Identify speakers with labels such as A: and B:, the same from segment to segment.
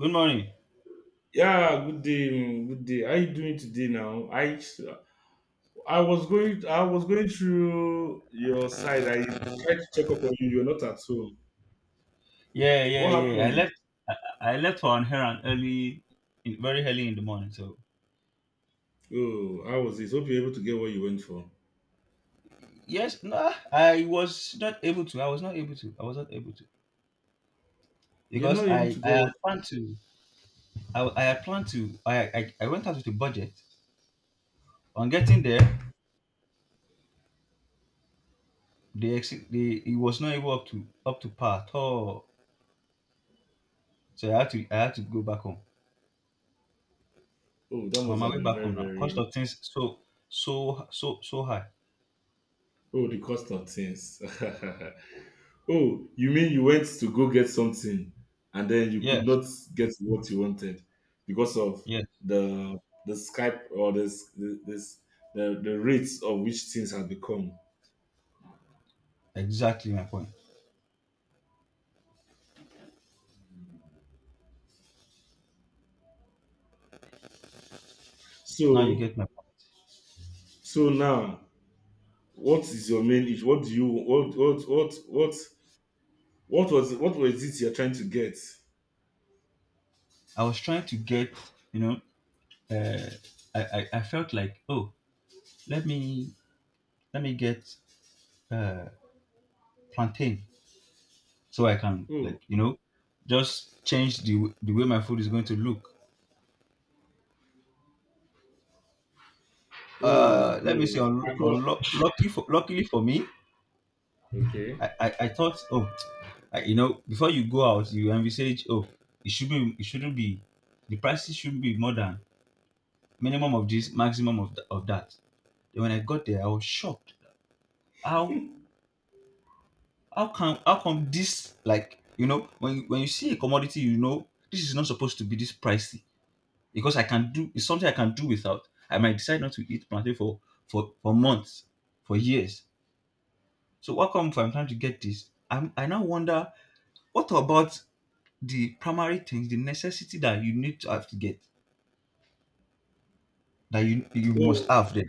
A: Good morning.
B: Yeah, good day, good day. How you doing today now? I was going through your side. I tried to check up on you. You're not at home.
A: Yeah, yeah,
B: What
A: yeah. I
B: happened?
A: left. I, I left for an errand early, very early in the morning. So
B: Oh, how was this? Hope you're able to get what you went for.
A: yes, no, I was not able to. I was not able to. I was not able to
B: You're
A: because
B: not able to
A: I
B: get
A: had
B: what.
A: planned to. I had planned to. I went out with a budget. On getting there, the exit, the it was not able up to par at all. So I had to go back home.
B: Oh, that
A: I'm on
B: must
A: my
B: have
A: way
B: been
A: back
B: very,
A: home now. Cost
B: very.
A: of things so high.
B: Oh, the cost of things. Oh, you mean you went to go get something and then you could
A: Yes,
B: not get what you wanted because of
A: yes,
B: the the Skype or this the rates of which things have become.
A: exactly my point. Now you
B: So
A: get my point.
B: so now, what is your main issue? What do you what was it you're trying to get?
A: I was trying to get, you know, uh, I felt like, oh, let me let me get uh, plantain so I can, like,
B: Oh,
A: just change the way my food is going to look.
B: oh,
A: Let me
B: oh,
A: see. Un-
B: I
A: unlo-
B: could.
A: lucky for luckily for me,
B: Okay.
A: I thought, oh, you know, before you go out, you envisage, oh, it should be it shouldn't be the prices shouldn't be more than minimum of this, maximum of, of that. Then when I got there, I was shocked how how come this, like, you know, when when you see a commodity, you know this is not supposed to be this pricey because I can do it's something I can do without. I might decide not to eat plantain for for months, for years. So how come if I'm trying to get this? I now wonder, what about the primary things, the necessity that you need to have to get, that you must
B: Oh,
A: have them.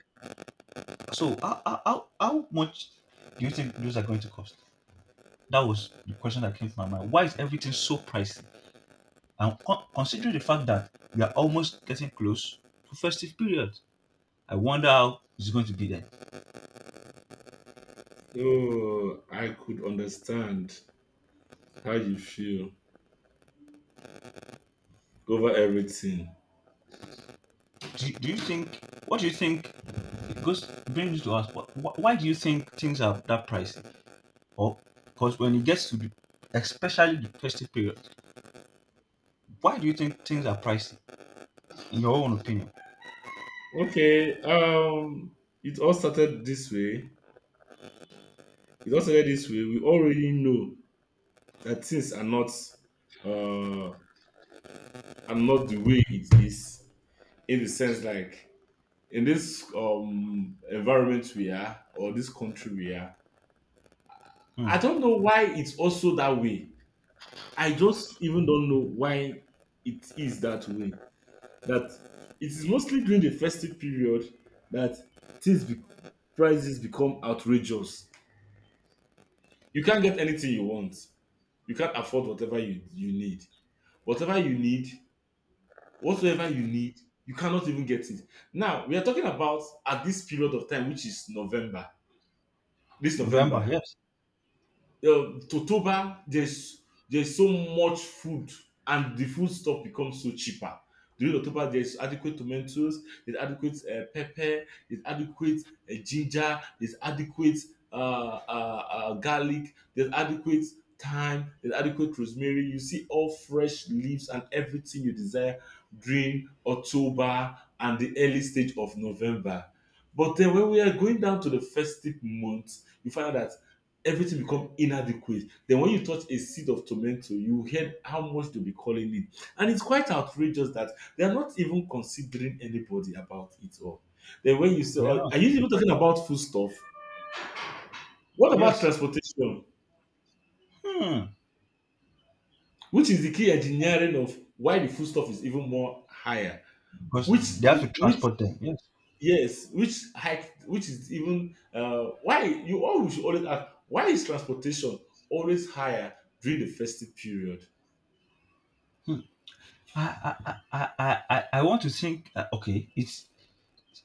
A: So how much do you think those are going to cost? That was the question that came to my mind. Why is everything so pricey? And considering the fact that we are almost getting close to festive period, I wonder how it's going to be then.
B: oh, I could understand how you feel over everything.
A: Do you think? What do you think? It goes brings to us. Why do you think things are that pricey? Or because when it gets to the, especially the festive period, why do you think things are pricey? In your own opinion.
B: Okay, it all started this way. It all started this way. We already know that things uh, are not the way it is. In the sense, like in this environment we are, or this country we are,
A: Hmm.
B: I don't know why it's also that way. I just even don't know why it is that way. That it is mostly during the festive period that things be- prices become outrageous. You can't get anything you want. You can't afford whatever you need. Whatever you need, whatsoever you need, you cannot even get it. Now, we are talking about at this period of time, which is November, this
A: November,
B: November,
A: yes.
B: Totoba. There's so much food, and the food stuff becomes so cheaper. During October, there's adequate tomatoes, there's adequate pepper, there's adequate ginger, there's adequate uh, garlic, there's adequate thyme, there's adequate rosemary. You see all fresh leaves and everything you desire during October and the early stage of November. But then when we are going down to the festive months, you find out that everything become inadequate. Then when you touch a seed of tomato, you hear how much they'll be calling it, and it's quite outrageous that they're not even considering anybody about it all. Then when you say,
A: They are
B: "Oh,
A: not.
B: are you even talking about foodstuff? What about
A: Yes.
B: transportation,
A: Hmm.
B: which is the key engineering of why the foodstuff is even more higher,
A: Because
B: which
A: they have to
B: which,
A: transport them. Yes.
B: yes, which hike, which is even why you always should always ask why is transportation always higher during the festive period?"
A: Hmm. I want to think. Okay, it's,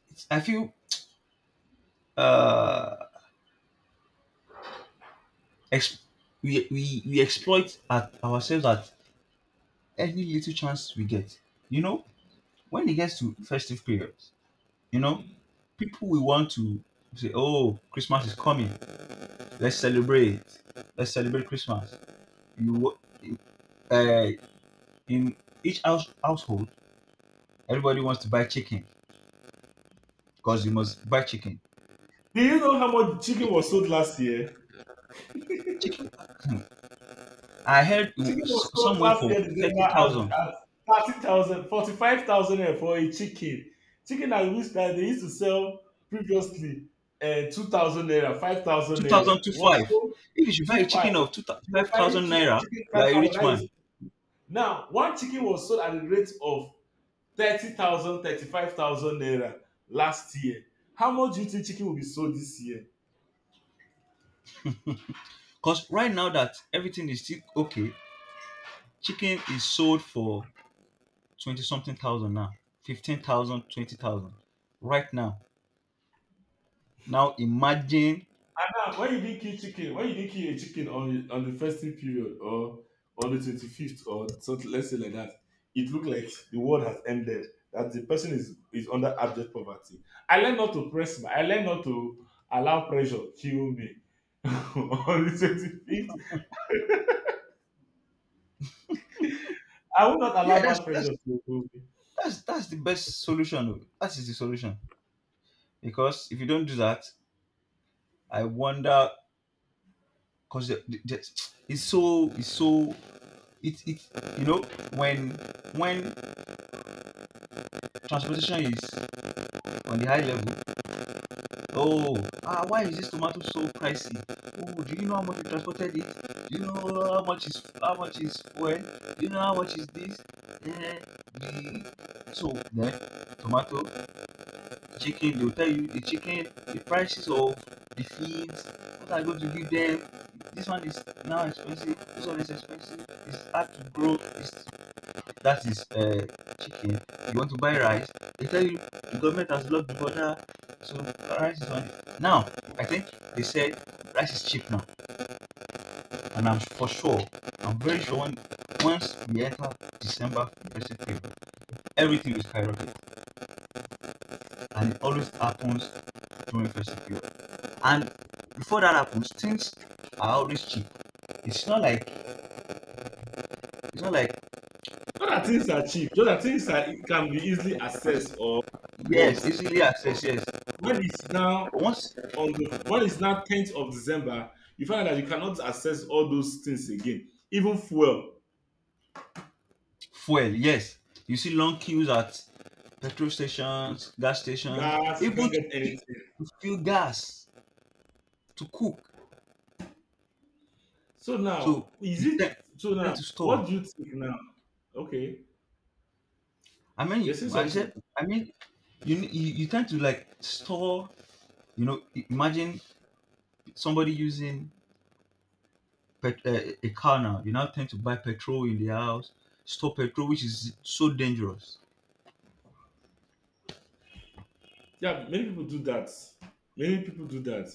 A: it's. I feel uh, ex- we exploit at ourselves at any little chance we get. You know, when it gets to festive periods, you know, people will want to say, oh, Christmas is coming. Let's celebrate. Let's celebrate Christmas. You, wa- uh, in each house, household, everybody wants to buy chicken because you must buy chicken.
B: Do you know how much chicken was sold last year?
A: Chicken. I heard it
B: Chicken was sold
A: some went
B: last year,
A: for
B: December, at,
A: 30,000.
B: at 30,000, 45,000 naira for a chicken. Chicken at which time they used to sell previously 2,000 naira, 5,000
A: 2,000
B: naira.
A: to
B: Was
A: five.
B: sold
A: If you buy a chicken
B: 2,500.
A: of 2,000
B: You buy
A: 5,000
B: two
A: naira,
B: chicken,
A: you are a
B: 5,000.
A: rich
B: That is.
A: man.
B: Now, one chicken was sold at the rate of 30,000, 35,000 naira last year. How much do you think chicken will be sold this year?
A: Because right now that everything is still okay, chicken is sold for 20 something thousand now, 15,000, 20,000, right now. Now imagine.
B: Ah, why you didn't kill chicken? Why you didn't kill a chicken on the festive period or on the 25th or something? Let's say like that. It looked like the world has ended. That the person is under abject poverty. I learned not to press. I learned not to allow pressure kill me. On the 25th, I will not allow
A: Yeah, that's
B: that
A: that's
B: pressure to kill me.
A: that's that's the best solution. Oh. That is the solution because if you don't do that, I wonder because it's so it you know when when transportation is on the high level. Oh, why is this tomato so pricey? Oh, do you know how much we transported it? Do you know how much is fuel? Do you know how much is this? Eh, the so then tomato, chicken, they will tell you the chicken, the prices of the feeds, what are you going to give them? This one is now expensive, this one is expensive, it's hard to grow, it's that is, chicken. You want to buy rice, they tell you the government has blocked the border, so rice is on it. Now, I think they said rice is cheap now, and I'm for sure, I'm very sure when, once we enter December first period, everything will skyrocket, and it always happens during first period. And before that happens, things are always cheap. It's not like it's not like.
B: Not that things are cheap. Just that things are, can be easily accessed or bought.
A: Yes, easily
B: But
A: access, yes.
B: when it's now
A: once
B: 10th of December, you find out that you cannot access all those things again. Even fuel,
A: Fuel. Yes, you see long queues at petrol stations, gas stations,
B: gas, you
A: even
B: can't
A: to
B: get anything.
A: to fill gas to cook.
B: So
A: So
B: now, is
A: you
B: it
A: tend,
B: so
A: you
B: now?
A: tend to store.
B: what do you think now? Okay,
A: I mean,
B: you're saying
A: I
B: something.
A: said, I mean, you, ne- you tend to, like, store. You know, imagine somebody using a car now. You now tend to buy petrol in the house, store petrol, which is so dangerous.
B: Yeah, many people do that. Many people do that.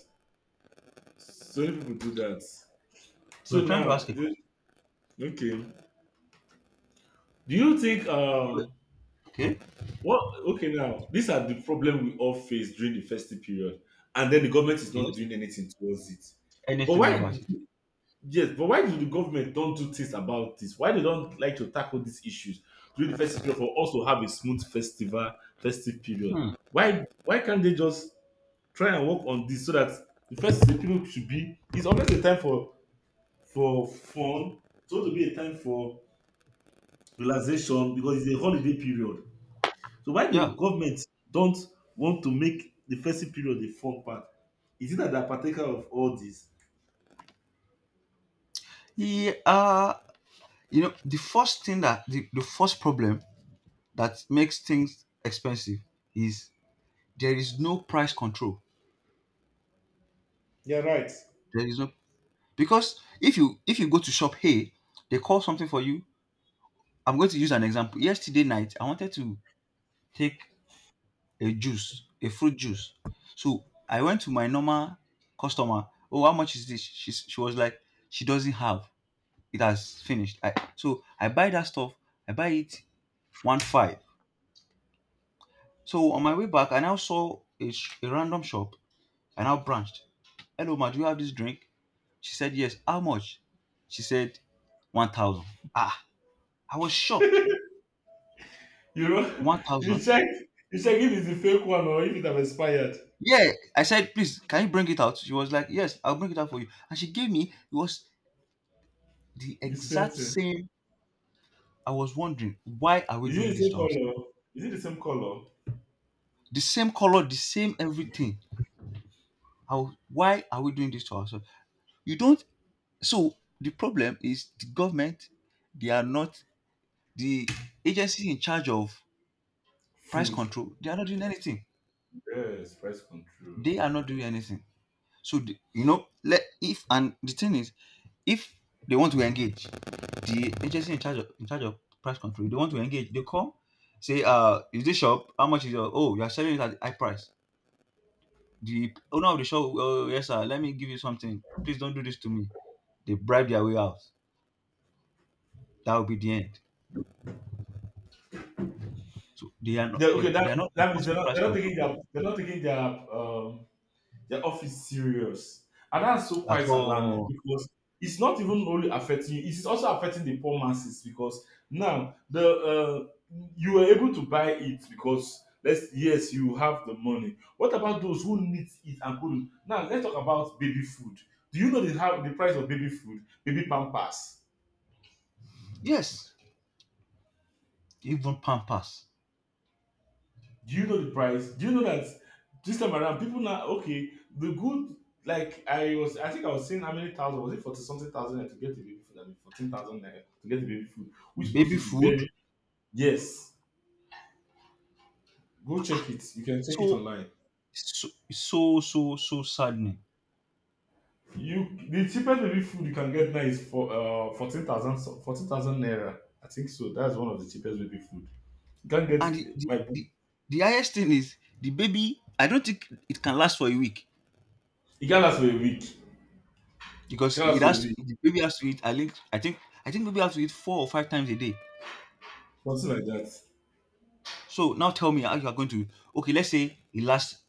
B: So many people do that. So
A: We're trying to ask
B: now,
A: a question.
B: okay. Do you think,
A: Okay.
B: what, okay, now? These are the problem we all face during the festive period, and then the government is not
A: Yes.
B: doing anything towards it. But
A: Anything
B: why
A: about it?
B: Yes, but why do the government don't do things about this? Why they don't like to tackle these issues during the festive period for us to have a smooth festival festive period?
A: Hmm.
B: Why can't they just try and work on this so that the festive period should be. It's always a time for fun, so to be a time for relaxation because it's a holiday period. So why the
A: Yeah.
B: government don't want to make the festive period the fun part? Is it that they're partaker of all this?
A: Yeah. You know, the first thing, that the first problem that makes things expensive is there is no price control.
B: You're right.
A: There is no Because if you go to shop, hey, they call something for you. I'm going to use an example. Yesterday night, I wanted to take a juice, a fruit juice. So I went to my normal customer. Oh, how much is this? She was like, she doesn't have. It has finished. So I buy that stuff. I buy it one five. So on my way back, I now saw a random shop. I now branched. Hello, ma, do you have this drink? She said, yes. How much? She said, 1,000. Ah, I was shocked.
B: You know, you
A: 1,000?
B: check, you check if it's a fake one or if it have expired.
A: Yeah. I said, please, can you bring it out? She was like, yes, I'll bring it out for you. And she gave me, it was the
B: You sent
A: exact
B: it.
A: same. I was wondering, why are we
B: Is it
A: doing
B: the
A: this
B: same
A: to ourselves?
B: color? Is it the same color?
A: The same color, the same everything. How, why are we doing this to ourselves? You don't. So the problem is, the government, they are not the agency in charge of price
B: Food.
A: control, they are not doing anything.
B: Yes, price control.
A: They are not doing anything. So, the, you know, let if and the thing is, if they want to engage, the agency in charge of price control, if they want to engage, they come say, is this shop? How much is your? Oh, you are selling it at the high price. The owner of the shop, oh, yes, sir, let me give you something. Please don't do this to me. They bribe their way out. That will be the end. So
B: Yeah, okay, that
A: they are not
B: that means they're
A: enforcing
B: not,
A: price
B: they're not
A: control
B: taking their. They're off serious. And that's so
A: at
B: quite alarming
A: all.
B: because it's not even only affecting you, it's also affecting the poor masses because now the you were able to buy it because let's yes, you have the money. What about those who need it and couldn't? Now let's talk about baby food. Do you know the how the price of baby food, baby pampers?
A: Yes, even Pampers,
B: Do you know the price? Do you know that this time around people now, okay, the good, like I think I was saying how many thousand was it, 40 something thousand naira to get the baby food. I mean 14,000 naira to get the baby food, which is supposed
A: baby
B: to be
A: food.
B: very. Yes, go check it. You can check it
A: So
B: online.
A: so saddening.
B: You, the cheapest baby food you can get now is for fourteen thousand naira, I think so. That's one of the cheapest baby food. You can't get
A: And
B: my book.
A: the highest thing is the baby. I don't think it can last for a week
B: It can last for a week.
A: because
B: Can last
A: it
B: for a
A: has
B: week
A: the baby has to eat. I think baby has to eat four or five times a day.
B: Something like that,
A: So now tell me how you are going to. Okay, let's say it lasts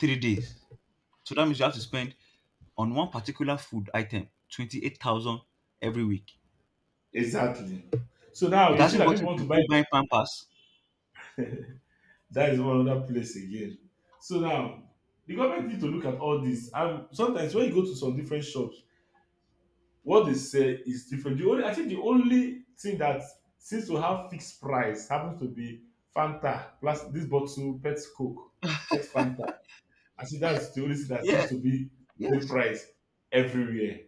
A: 3 days. So that means you have to spend on one particular food item 28,000 every week.
B: exactly. So now
A: It
B: you see
A: hasn't
B: that people
A: gotten
B: want to
A: to
B: buy.
A: you buying Pampers.
B: That is one other place again. So now the government need to look at all this. And sometimes when you go to some different shops, what they sell is different. The only I think the only thing that seems to have fixed price happens to be Fanta, plus this bottle Pet Coke, Pet Fanta. I think that's the only thing that
A: Yeah,
B: seems to be the
A: yes.
B: price everywhere,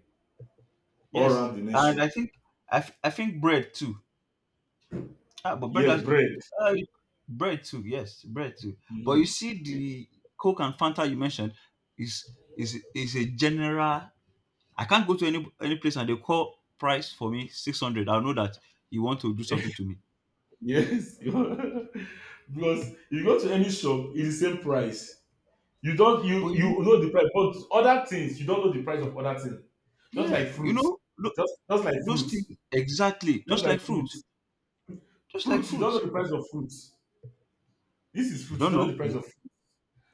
B: all
A: Yes,
B: around the nation.
A: and I think, I think bread too. Ah, but
B: Yes, bread.
A: uh, bread too. Yes, bread too. But you
B: Mhm.
A: see, the Coke and Fanta you mentioned is is a general. I can't go to any place and they call price for me 600. I'll know that you want to do something to me.
B: Yes, because you go to any shop, it's the same price. You don't
A: But
B: you you know the price, but other things, you don't know the price of other things. Just
A: yeah,
B: like fruits,
A: look,
B: just like
A: those
B: fruits,
A: things exactly.
B: just
A: Just
B: like
A: like fruit,
B: fruits.
A: just like
B: Fruits, you don't know
A: fruit.
B: the price of fruits. This is
A: You
B: fruits you
A: don't
B: don't know
A: know.
B: the price of.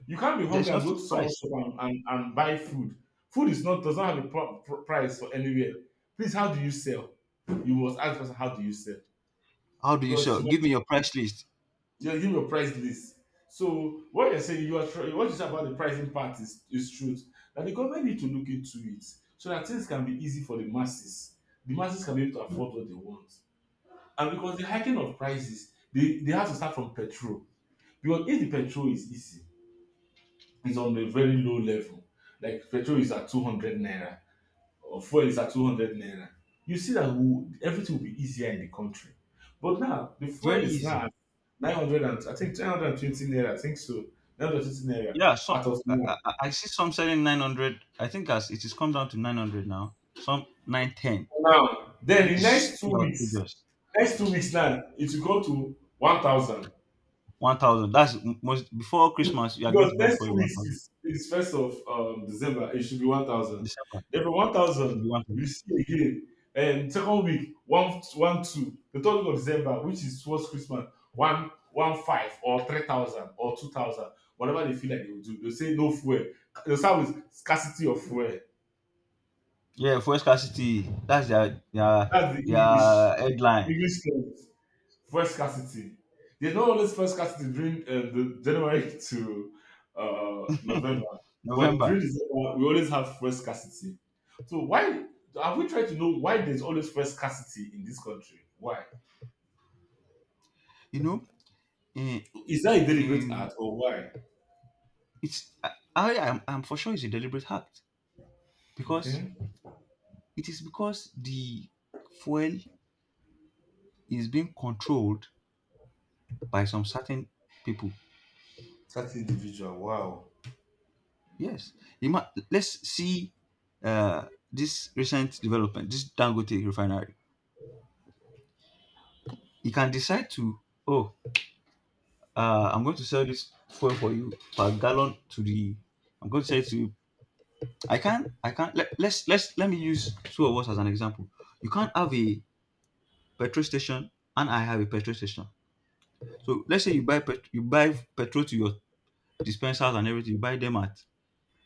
B: You can't be
A: There's
B: hungry
A: no
B: and go to
A: fixed
B: someone's
A: price.
B: shop and buy food. Food is not does not have a price for anywhere. Please, how do you sell? You must ask the person how do you sell,
A: How do you
B: because
A: sell?
B: you
A: Give me your price list.
B: you give a price list. So what you're saying, what you say about the pricing part is truth. That the government need to look into it so that things can be easy for the masses. The masses can be able to afford what they want. And because the hiking of prices, they have to start from petrol. Because if the petrol is easy, it's on a very low level. Like petrol is at 200 naira, or fuel is at 200 naira, you see that everything will be easier in the country. But now, the fuel
A: Very
B: is now
A: easy.
B: at 900 and I think 920 naira, I think so. 920 naira
A: Yeah, so
B: out of now.
A: I see some selling 900. I think as it is come down to 900 now. Some 910.
B: Now, then
A: This
B: in
A: is
B: next
A: still outrageous.
B: 2 weeks now, it will go to 1,000.
A: 1,000. That's most before Christmas. You are going
B: Because
A: to buy
B: next
A: for
B: 2 weeks
A: 1,000.
B: is, first of December, it should be 1,000.
A: December.
B: Then from
A: It should be
B: 1,000, you
A: 1,000.
B: see again. And second week, one, one, two. The third week of December, which is towards Christmas, one, one, five, or 3,000, or 2,000, whatever they feel like they will do. They'll say no fuel. They'll start with scarcity of fuel.
A: Yeah, fuel scarcity. That's
B: That's the
A: their headline.
B: English term. First scarcity. There's not always first scarcity during the January to November, but
A: November.
B: during December we always have first scarcity. So why, have we tried to know why there's always first scarcity in this country? Why
A: You know, in,
B: is that a deliberate
A: in,
B: act, or why?
A: it's I am I'm for sure it's a deliberate act because
B: Okay,
A: it is because the fuel is being controlled by some certain people.
B: that individual. Wow.
A: Yes, let's see, this recent development, this Dangote refinery. You can decide to, oh, I'm going to sell this fuel for you per gallon to the. I'm going to sell it to you. I can't. I can't. Let, let's let me use two of us as an example. You can't have a petrol station and I have a petrol station. So let's say you buy petrol to your dispensers and everything. You buy them at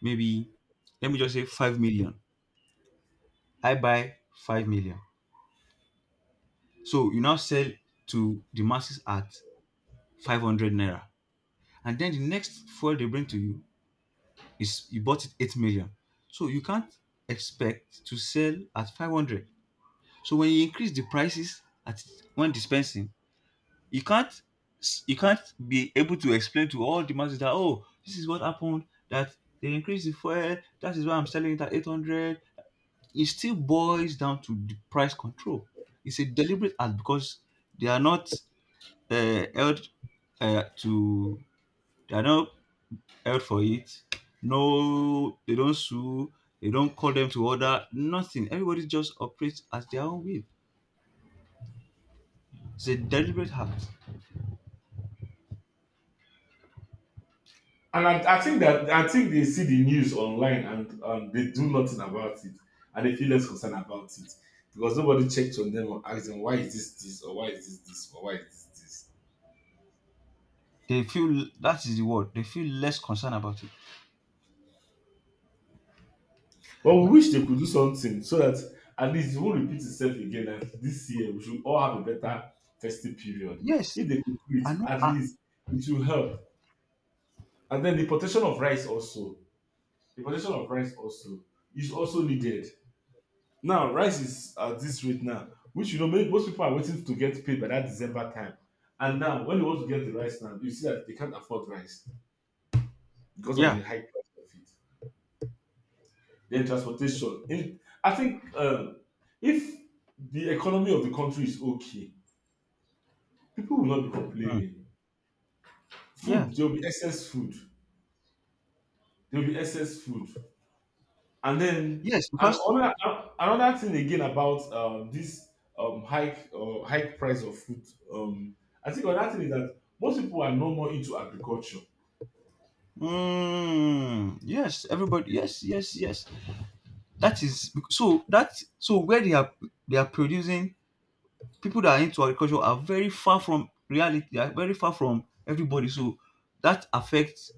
A: maybe let me just say 5 million. I buy 5 million. So you now sell to the masses at 500 naira. And then the next fuel they bring to you is you bought it 8 million. So you can't expect to sell at 500. So when you increase the prices at when dispensing, you can't you can't be able to explain to all the masses that oh, this is what happened, that they increased the fuel, that is why I'm selling it at 800. It still boils down to the price control. It's a deliberate act because they are not held to they are not held for it. No, they don't sue. They don't call them to order. Nothing. Everybody just operates at their own will. It's a deliberate act.
B: And I think they see the news online, and they do nothing about it, and they feel less concerned about it because nobody checked on them or asked them why is this this, or why is this this, or why is this this.
A: They feel that is the word. They feel less concerned about it.
B: But we
A: N-
B: wish they could do something so that at least it won't repeat itself again. And this year we should all have a better festive period.
A: Yes,
B: If they could do it,
A: I know.
B: at least it will help. And then the importation of rice also. The importation of rice also is also needed. Now rice is at this rate now, which most people are waiting to get paid by that December time. And now when you want to get the rice now, you see that they can't afford rice because of the
A: Yeah,
B: high price of it. Then transportation. I think if the economy of the country is okay, people will not be
A: mm,
B: complaining.
A: yeah,
B: Food, there will be excess food. There will be excess food. And then
A: yes,
B: and
A: because
B: another thing again about this hike price of food. Um, I think another thing is that most people are no more into agriculture.
A: mm, yes, everybody. Yes, yes, yes. That is so that so where they are, they are producing. People that are into agriculture are very far from reality. They are very far from everybody. So that affects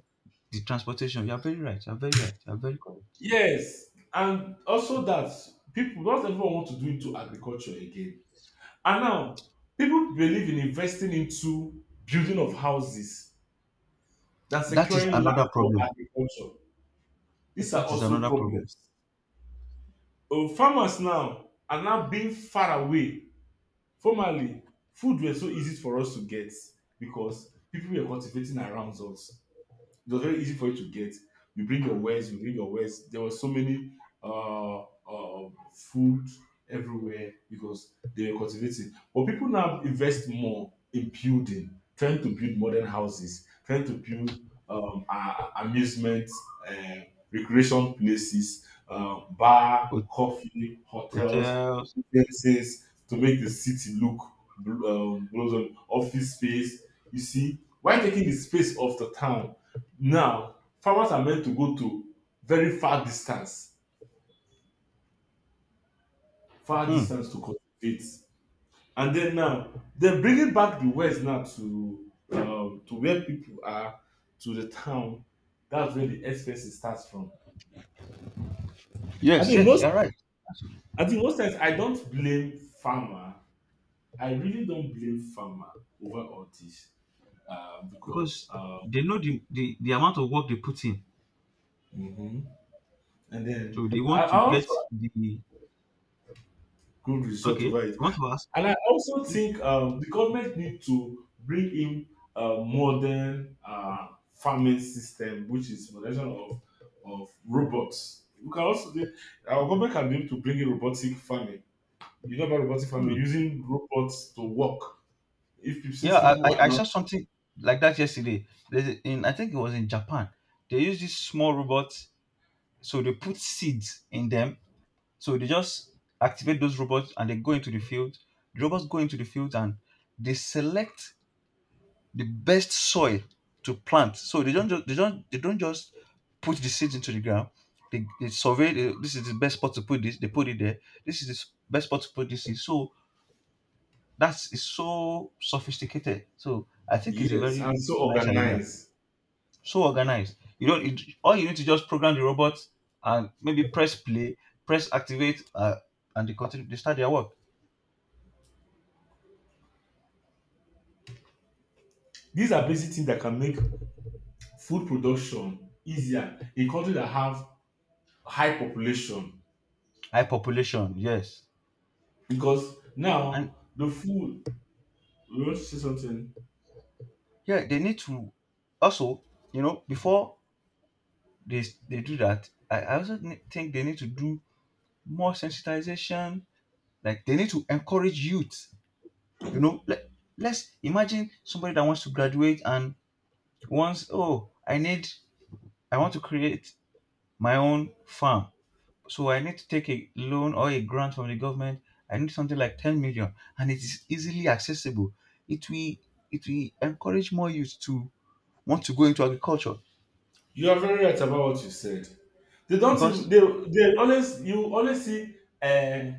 A: the transportation. You are very right. You are very right. You are very correct.
B: Yes, and also that people not everyone want to do into agriculture again. And now, people believe in investing into building of houses than
A: That is
B: securing land
A: another
B: for
A: problem.
B: agriculture. These are
A: That is
B: also
A: another problem.
B: problems. Oh, farmers now are now being far away. Formerly, food was so easy for us to get because people were cultivating around us. It was very easy for you to get. You bring your wares, you bring your wares. There were so many food everywhere because they were cultivating. But people now invest more in building, trying to build modern houses, trying to build amusement, uh, recreation places, bar,
A: Ho-
B: coffee, hotels,
A: Hotels.
B: businesses to make the city look blossom, office space. You see, why taking the space of the town now, farmers are meant to go to very far
A: Hmm.
B: distance to cultivate. And then now, they're bringing back the West now to where people are, to the town. That's where the expenses starts from. I
A: Yes,
B: think
A: yes,
B: most
A: you're right.
B: I think most times I don't blame farmer. I really don't blame farmer over all this. Um, because
A: Because
B: uh,
A: they know the amount of work they put in.
B: mhm. And
A: So
B: then
A: they
B: I,
A: want
B: I
A: to
B: also
A: get the
B: had good result
A: okay.
B: over it.
A: I want to ask.
B: And I also
A: Hmm.
B: think the government need to bring in a modern farming system, which is moderation of robots. We can also do, our government can be able to bring in robotic farming. You know about robotic
A: Hmm.
B: farming using robots to work. If pe- since
A: Yeah,
B: people
A: I
B: are
A: I
B: not,
A: saw something like that yesterday. There's a- in I think it was in Japan. They use these small robots, so they put seeds in them. So they just activate those robots and they go into the field. The robots go into the field and they select the best soil to plant. So they don't just put the seeds into the ground. They survey the, this is the best spot to put this. They put it there. This is the best spot to put this seed. So that's is so sophisticated. So I think it's a
B: yes,
A: very
B: and so
A: nice idea.
B: organized,
A: So organized. You don't. It, all you need to just program the robot and maybe press play, press activate, and they continue. They start their work.
B: these are basic things that can make food production easier in country that have high population.
A: High population. Yes,
B: Because
A: and
B: now the food, you want to say something?
A: yeah, they need to also. You know, before they do that, I also think they need to do more sensitization. Like they need to encourage youth. You know, let, let's imagine somebody that wants to graduate and once, oh, I need, I want to create my own farm, so I need to take a loan or a grant from the government. I need something like 10 million and it is easily accessible. It will, it will encourage more youth to want to go into agriculture
B: You are very right about what you said. They don't even,
A: because
B: they always, you always see uh,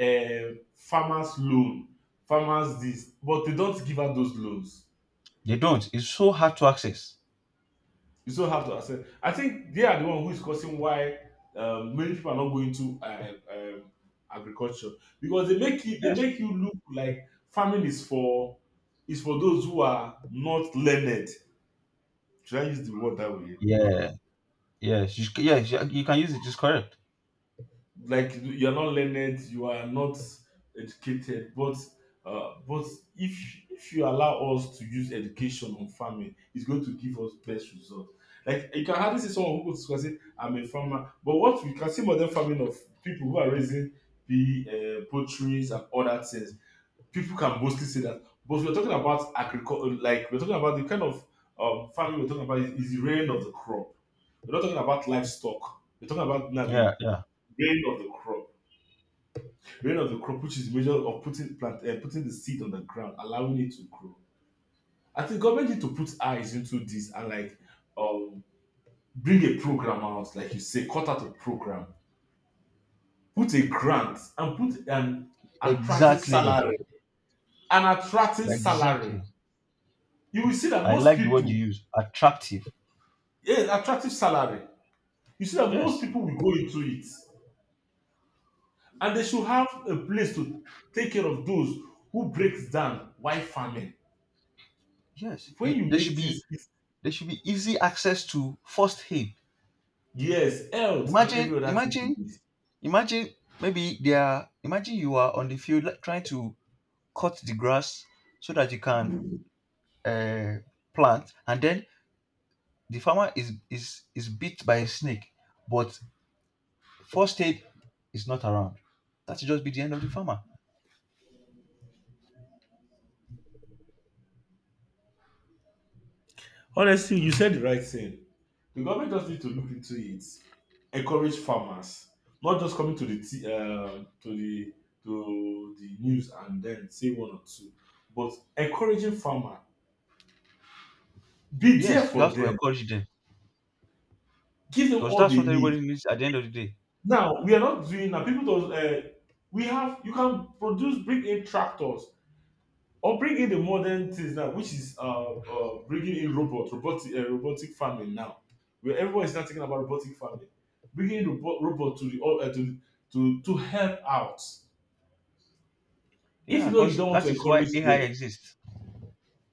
B: farmers loan, farmers this, but they don't give out those loans.
A: they don't, it's so hard to access.
B: You still have to accept. I think they are the one who is causing why many people are not going to agriculture because they
A: Yes,
B: make you look like farming is for those who are not learned. Should I use the word that way?
A: yeah, yes, you, yes, you can use it, it's correct.
B: Like you're not learned, you are not educated, but if you allow us to use education on farming, it's going to give us best results. Like, you can hardly see someone who goes to school and say I'm a farmer, but what we can see modern farming of people who are raising the poultries and other things. People can mostly say that, but we're talking about agriculture. Like, we're talking about the kind of farming. We're talking about is the rain of the crop. We're not talking about livestock, we're talking about now the
A: Yeah, yeah,
B: grain of the crop. Reign of the crop, which is the measure of putting plant, putting the seed on the ground, allowing it to grow. I think government need to put eyes into this and, like, um bring a program out, like you say, cut out a program, put a grant, and put an attractive
A: exactly,
B: salary. An attractive salary.
A: exactly.
B: You will see that
A: I
B: most
A: like the word you
B: people,
A: use, attractive.
B: yeah, attractive salary. You see that most
A: Yes,
B: people will go into it, and they should have a place to take care of those who breaks down while farming.
A: yes,
B: When
A: it,
B: you
A: they should
B: make things.
A: be, there should be easy access to first aid.
B: Yes, health and
A: Imagine,
B: every other thing they
A: imagine,
B: need.
A: imagine, maybe they are, imagine you are on the field like, trying to cut the grass so that you can uh, plant, and then the farmer is bit by a snake, but first aid is not around. That should just be the end of the farmer.
B: Honestly, you said the right thing. The government just need to look into it, encourage farmers, not just coming to the news and then say one or two, but encouraging farmer, be there
A: Yes, you
B: for
A: have to
B: them,
A: encourage them
B: give them
A: because
B: all
A: that's
B: they
A: what
B: need.
A: everybody needs at the end of the day.
B: Now we are not doing now. People don't. We have, you can produce, bring in tractors or bring in the modern things now, which is bringing in robotic farming now, where everyone is now talking about robotic farming, bringing in robot, to the, all, to help out. If you
A: Yeah,
B: know you
A: because
B: don't want to
A: that is why
B: encourage
A: AI
B: them,
A: exists.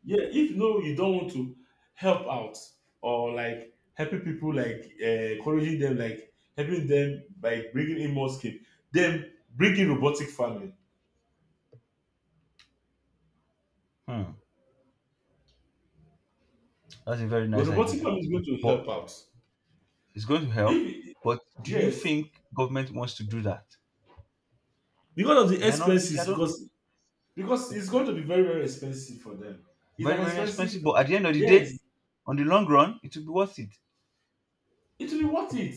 B: yeah. If you know you don't want to help out or, like, helping people, like, encouraging them, like helping them by bringing in more skill, then bring in robotic farming.
A: Hmm, that's a very
B: But
A: nice
B: robotic
A: idea.
B: farming is going to
A: But
B: help out.
A: it's going to help,
B: If
A: but do you
B: Yes,
A: think government wants to do that?
B: because of the
A: They are not ready. They are
B: expenses,
A: not
B: because it's going to be very, very expensive for them. It's
A: very,
B: an
A: very expensive,
B: expensive.
A: but at the end of the
B: Yes,
A: day, on the long run, it will be worth it.
B: it will be worth it.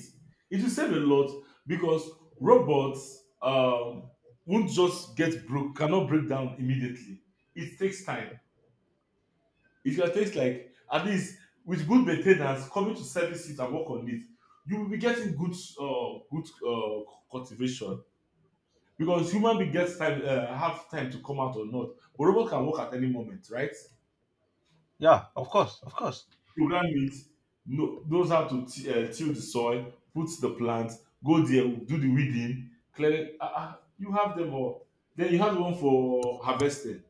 B: It will save a lot because robots, won't just get broke, cannot break down immediately. It takes time. It will take, like, at least with good maintenance coming to service it and work on it, you will be getting good cultivation because human being gets time, have time to come out or not, but robot can work at any moment, right?
A: Yeah, of course, of course.
B: Program it, knows how to till the soil, put the plant, go there, do the weeding, clear it. You have them all, then you have one for harvesting.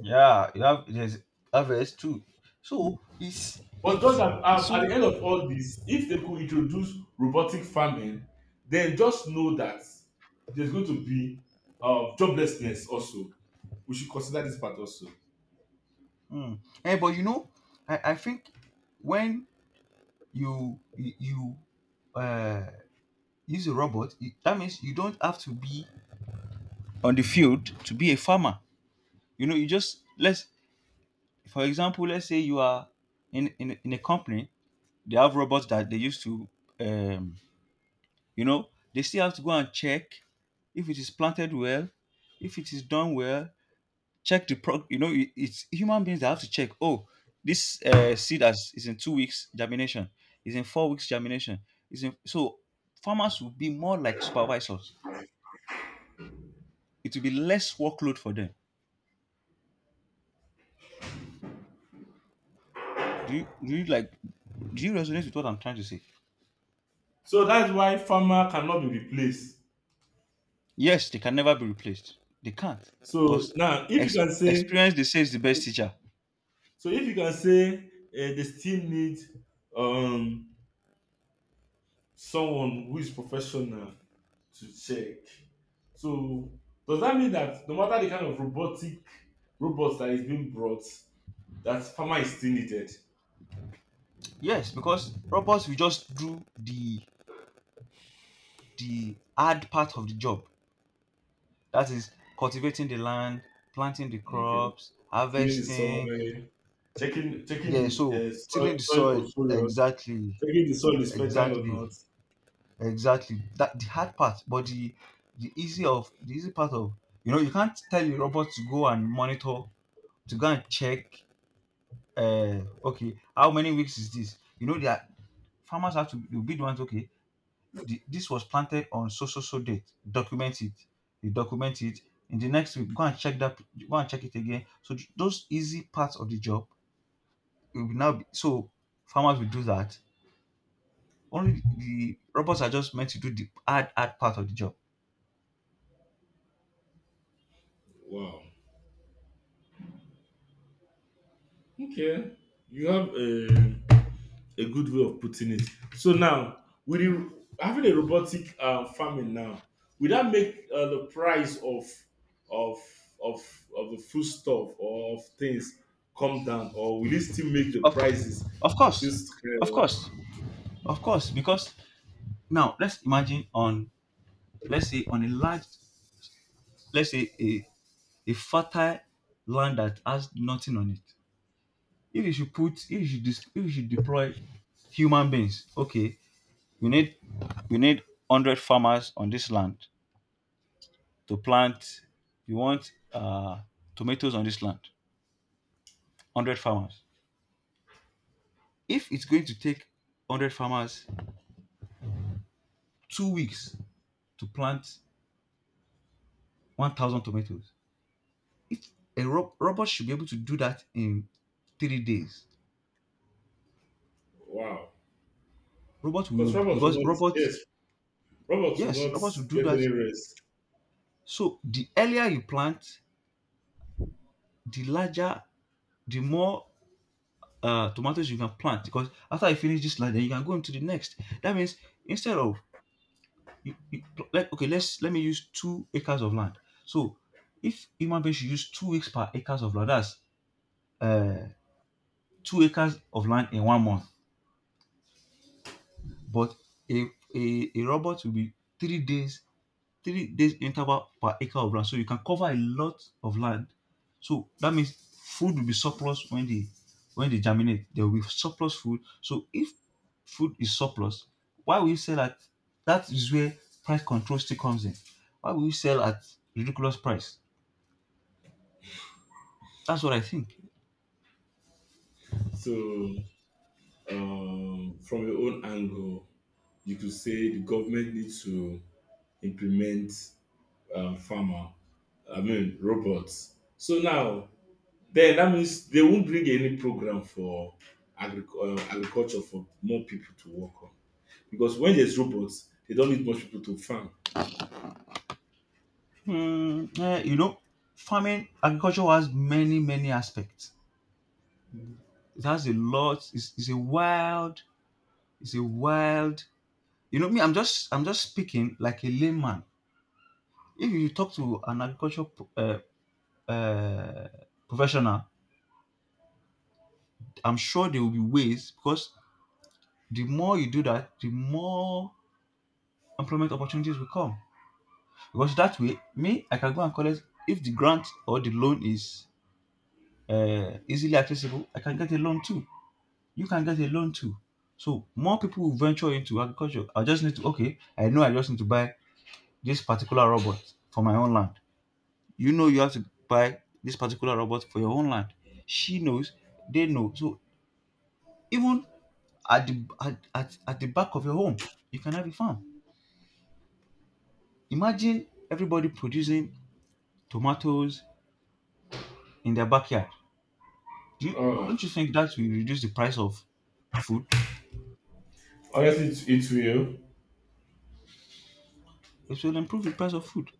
A: Yeah, you have, there's harvest too. So it's
B: But just at,
A: it's
B: um, at
A: so.
B: the end of all this, if they could introduce robotic farming, then just know that there's going to be joblessness also. We should consider this part also.
A: Mm. Eh, but you know, I think when you, uh, use a robot, it, that means you don't have to be on the field to be a farmer. You know, you just let's, for example, let's say you are in a company, they have robots that they used to, um, you know, they still have to go and check if it is planted well, if it is done well. Check the pro. You know, it, it's human beings that have to check. Oh, this seed has, is in 2 weeks germination. Is in 4 weeks germination. Is in so farmers will be more like supervisors. It will be less workload for them. Do you like? Do you resonate with what I'm trying to say?
B: So that's why farmer cannot be replaced.
A: Yes, they can never be replaced. They can't
B: So
A: because
B: now if you can say.
A: experience, they say, is the best teacher.
B: So if you can say they still need, um, someone who is professional to check. So does that mean that no matter the kind of robotic robots that is being brought, that farmer is still needed?
A: Yes, because robots will just do the hard part of the job. That is cultivating the land, planting the
B: Okay,
A: crops,
B: tilling the soil,
A: harvesting.
B: checking the
A: Yeah, so
B: soil,
A: tilling the
B: soil
A: soil.
B: portfolios,
A: Exactly,
B: checking the soil is fertile or
A: exactly,
B: not.
A: exactly. That the hard part, but the easy of the easy part of, you know, you can't tell a robot to go and monitor, to go and check, uh, okay, how many weeks is this, you know, that farmers have to, you'll be the ones okay, the, this was planted on so so so date, document it, you document it, in the next week go and check that, go and check it again. So those easy parts of the job will now be, so farmers will do that. Only the robots are just meant to do the hard, hard part of the job
B: Wow. Okay, you have a. Good way of putting it. So now, with having a robotic farming now, will that make the price of of of the foodstuff or of things come down, or will it still make the
A: of, course,
B: prices
A: of
B: still
A: course, of
B: skyrocket?
A: course, of course, because now let's imagine on, let's say on a large, let's say a fertile land that has nothing on it. If you should put, if you should, dis, if you should deploy human beings, okay, you need, you need 100 farmers on this land to plant. You want tomatoes on this land, 100 farmers. If it's going to take 100 farmers 2 weeks to plant 1,000 tomatoes, if a robot should be able to do that in 3 days,
B: Wow,
A: robot
B: because
A: will
B: robots will
A: because
B: not.
A: robots,
B: Yes, robots will
A: yes,
B: not
A: robots will do
B: get any
A: that.
B: rest.
A: So the earlier you plant, the larger, the more tomatoes you can plant because after you finish this line, then you can go into the next. That means instead of you, you like okay, let's let me use 2 acres of land. So if human beings should use 2 weeks per acres of land, that's uh, 2 acres of land in 1 month. But a, a robot will be 3 days, 3 days interval per acre of land. So you can cover a lot of land. So that means food will be surplus when they germinate. There will be surplus food. So if food is surplus, why will you sell at, that is where price control still comes in. Why will you sell at ridiculous price? That's what I think.
B: So from your own angle, you could say the government needs to implement um, farmer, I mean robots. So now, then that means they won't bring any program for agriculture for more people to work on because when there's robots, they don't need much people to farm.
A: Hmm, eh, you know, farming agriculture has many, many aspects. It has a lot, it's a wild, it's a wild, you know me, I'm just, I'm just speaking like a layman. If you talk to an agriculture uh, professional, I'm sure there will be ways because the more you do that, the more employment opportunities will come. Because that way, me, I can go and collect. If the grant or the loan is easily accessible, I can get a loan too. You can get a loan too. So more people will venture into agriculture. I just need to okay. I know I just need to buy this particular robot for my own land. You know you have to buy this particular robot for your own land. She knows, they know. So even at the at, the back of your home, you can have a farm. Imagine everybody producing tomatoes in their backyard. Do you,
B: Oh,
A: don't you think that will reduce the price of food?
B: honestly, it, it will
A: It will improve the price of food.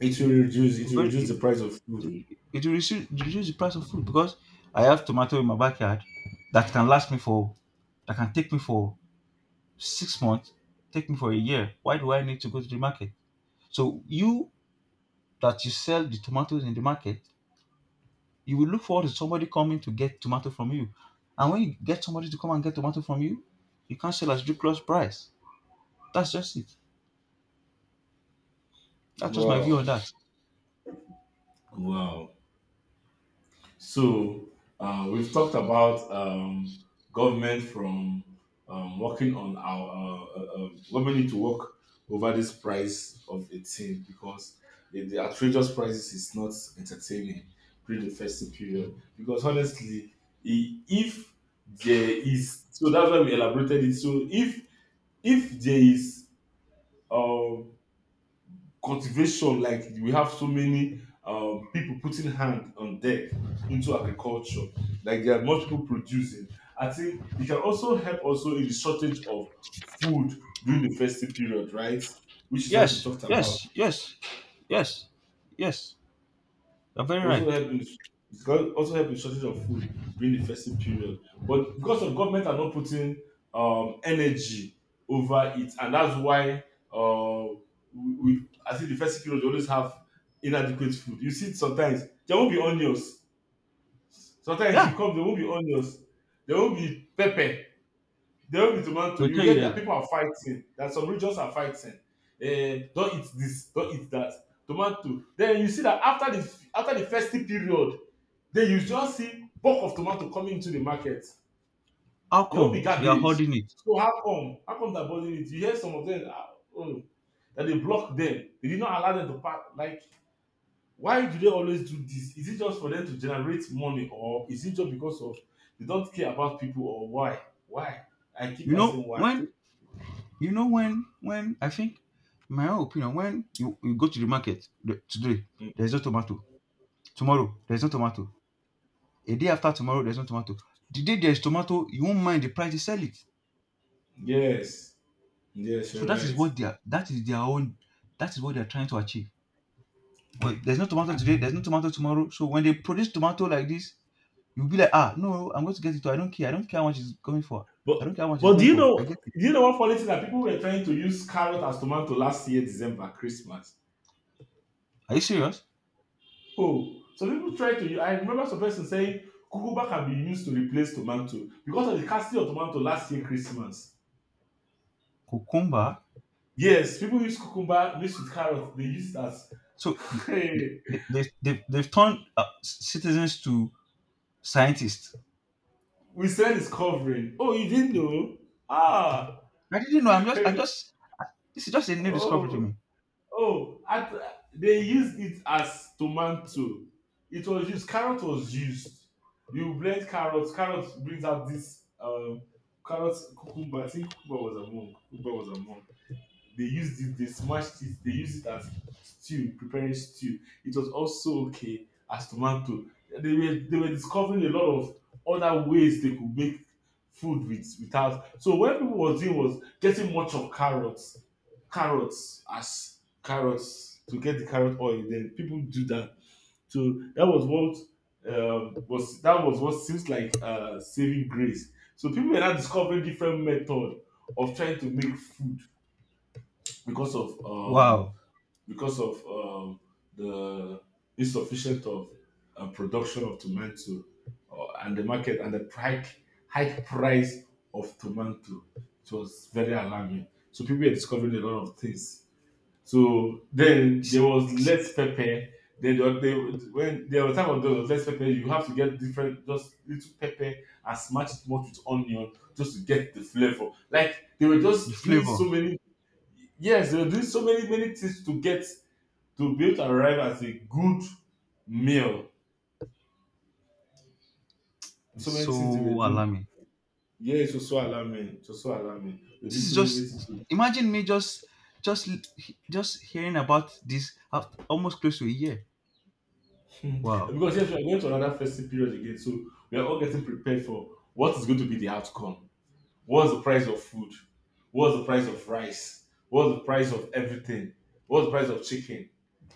B: it will
A: Very,
B: reduce the
A: it,
B: price of food.
A: it will reduce, reduce the price of food because I have tomato in my backyard that can last me for, that can take me for 6 months, take me for a year. Why do I need to go to the market? So you that you sell the tomatoes in the market, you will look forward to somebody coming to get tomato from you. And when you get somebody to come and get tomato from you, you can't sell at ridiculous price. That's just it. That's just my view
B: Wow,
A: on that.
B: wow. So we've talked about government from working on our government need to work over this price of a thing because the outrageous prices is not entertaining during the festive period because honestly, if there is, so that's why we elaborated it. So if there is um, cultivation, like, we have so many people putting hand on deck into agriculture, like there are much people producing. I think it can also help also in the shortage of food during the festive period, right? Which is what we
A: Yes,
B: talked about.
A: yes, yes, yes, yes. You're very
B: It also
A: right.
B: helped with also helped with shortage of food during the festive period. But because of government are not putting energy over it, and that's why uh, we I think the festive period they always have inadequate food. You see, it sometimes there won't be onions. Sometimes you
A: Yeah.
B: come, there won't be onions. There won't be pepper. There won't be tomato.
A: They'll
B: You
A: tell you
B: hear
A: that
B: that people are fighting. That some regions are fighting. Eh, don't eat this. Don't eat that. Tomato. Then you see that after the festive period, then you just see bulk of tomato coming into the market.
A: how
B: They will
A: come
B: be
A: they are
B: garbage.
A: holding it.
B: So how come? How come they're bothering it? You hear some of them, that they block them. They did not allow them to pass. Like, why do they always do this? Is it just for them to generate money, or is it just because of they don't care about people, or why? Why? I keep
A: You know,
B: asking why.
A: when, you know when I think my own opinion when you go to the market the, today
B: Mm.
A: there's no tomato, tomorrow there's no tomato, a day after tomorrow there's no tomato, the day there's tomato you won't mind the price they sell it.
B: Yes, yes,
A: So
B: you're
A: that is
B: right.
A: what they are, that is their own, that is what they're trying to achieve. Well, there's no tomato today, there's no tomato tomorrow, so when they produce tomato like this, you'll be like ah no, I'm going to get it, I don't care, I don't care how much it's going for,
B: But
A: I don't care how much it's
B: but do
A: going
B: you
A: for,
B: know
A: I get it.
B: do you know one funny thing that people were trying to use carrot as tomato last year December Christmas?
A: Are you serious?
B: Oh, some people try to. I remember some person saying cucumber can be used to replace tomato because of the scarcity of tomato last year Christmas.
A: Cucumber.
B: Yes, people use cucumber mixed with carrot. They use it as
A: So they've turned citizens to scientists.
B: we sell is covering. Oh, you didn't know? Ah,
A: I didn't know. This is just a new discovery to
B: oh,
A: me.
B: oh. At, they used it as tomato. It was used. Carrot was used. You blend carrots. Carrot brings out this carrot, cucumber. I think cucumber was among. Cucumber was among. They used it, they smashed it, they used it as stew, preparing stew. It was also okay as tomato. They were discovering a lot of other ways they could make food with without. So what people was doing was getting much of carrots, carrots as carrots to get the carrot oil. Then people do that. So that was what was that was what seems like saving grace. So people were now discovering different method of trying to make food because of um,
A: Wow.
B: because of the insufficient of production of tomato and the market and the hike high price of tomato. It was very alarming. So people were discovering a lot of things. So then
A: S-
B: there
A: s-
B: was less pepper. Then when there was time of there was less pepper, you have to get different just little pepper and smash it much with onion just to get the flavor. Like they were
A: The
B: just doing
A: flavor
B: so many. Yes, they were doing so many many things to get to be able to arrive as a good meal.
A: is
B: So many things they were
A: so
B: doing.
A: alarming.
B: Yeah, it was so alarming. It was so alarming. They did
A: This is
B: so many things
A: just,
B: to.
A: imagine me just, just hearing about this after almost close to a year. Wow.
B: Because yes, we are going to another festive period again, so we are all getting prepared for what is going to be the outcome. What's the price of food? What's the price of rice? What's the price of everything? What's the price of chicken?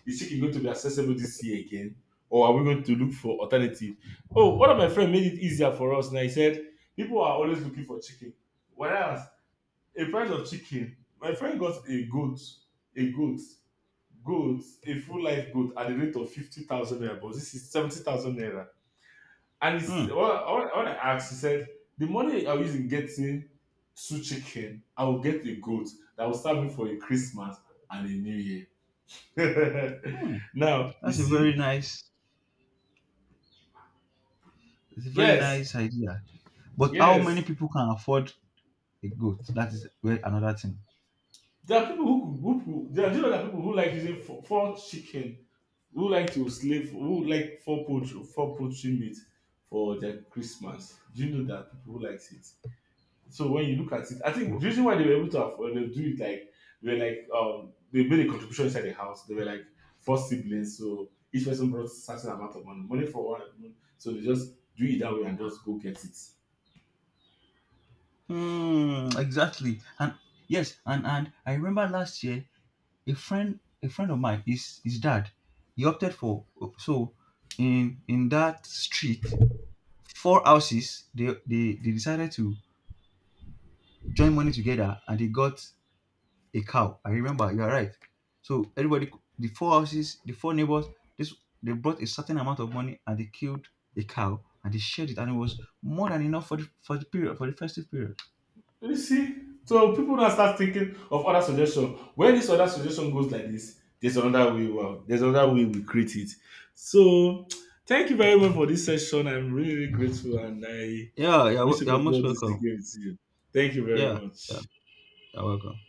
B: Is chicken going to be accessible this year again? Or are we going to look for alternative? Oh, one of my friends made it easier for us. Now he said, people are always looking for chicken. Whereas a price of chicken, my friend got a goat, goat, a full life goat at the rate of 50,000 naira, but this is 70,000 naira. And it's,
A: Hmm.
B: when I asked, he said, the money I was in getting two chicken, I will get a goat that will serve me for a Christmas and a New Year.
A: Hmm.
B: Now, you
A: That's a very
B: see,
A: nice, it's a very
B: yes,
A: nice idea. But how many
B: yes.
A: people can afford a goat? That is where another thing.
B: There are people who there are, you know, there are people who like using four chicken, who like to slave, who like four poultry meat for their Christmas. Do you know that people who likes it? So when you look at it, I think the reason why they were able to afford they do it like they were like they made a contribution inside the house. They were like four siblings, so each person brought certain amount of money, money for one, so they just do it that way and just go get it.
A: Hmm, exactly. And yes, and I remember last year a friend, his dad, he opted for so in that street, 4 houses, they decided to join money together and they got a cow. I remember you're right. So everybody, the 4 houses, the 4 neighbors, this they brought a certain amount of money and they killed a cow and they shared it and it was more than enough for the period for the festive period.
B: You see, so people now start thinking of other suggestion. When this other suggestion goes like this, there's another way. Wow, there's another way we create it. So, thank you very much for this session. I'm really, really grateful, and I
A: Yeah, yeah,
B: wish to
A: you're most
B: continue this
A: welcome.
B: again with you. Thank you very
A: Yeah, yeah,
B: much.
A: you're welcome.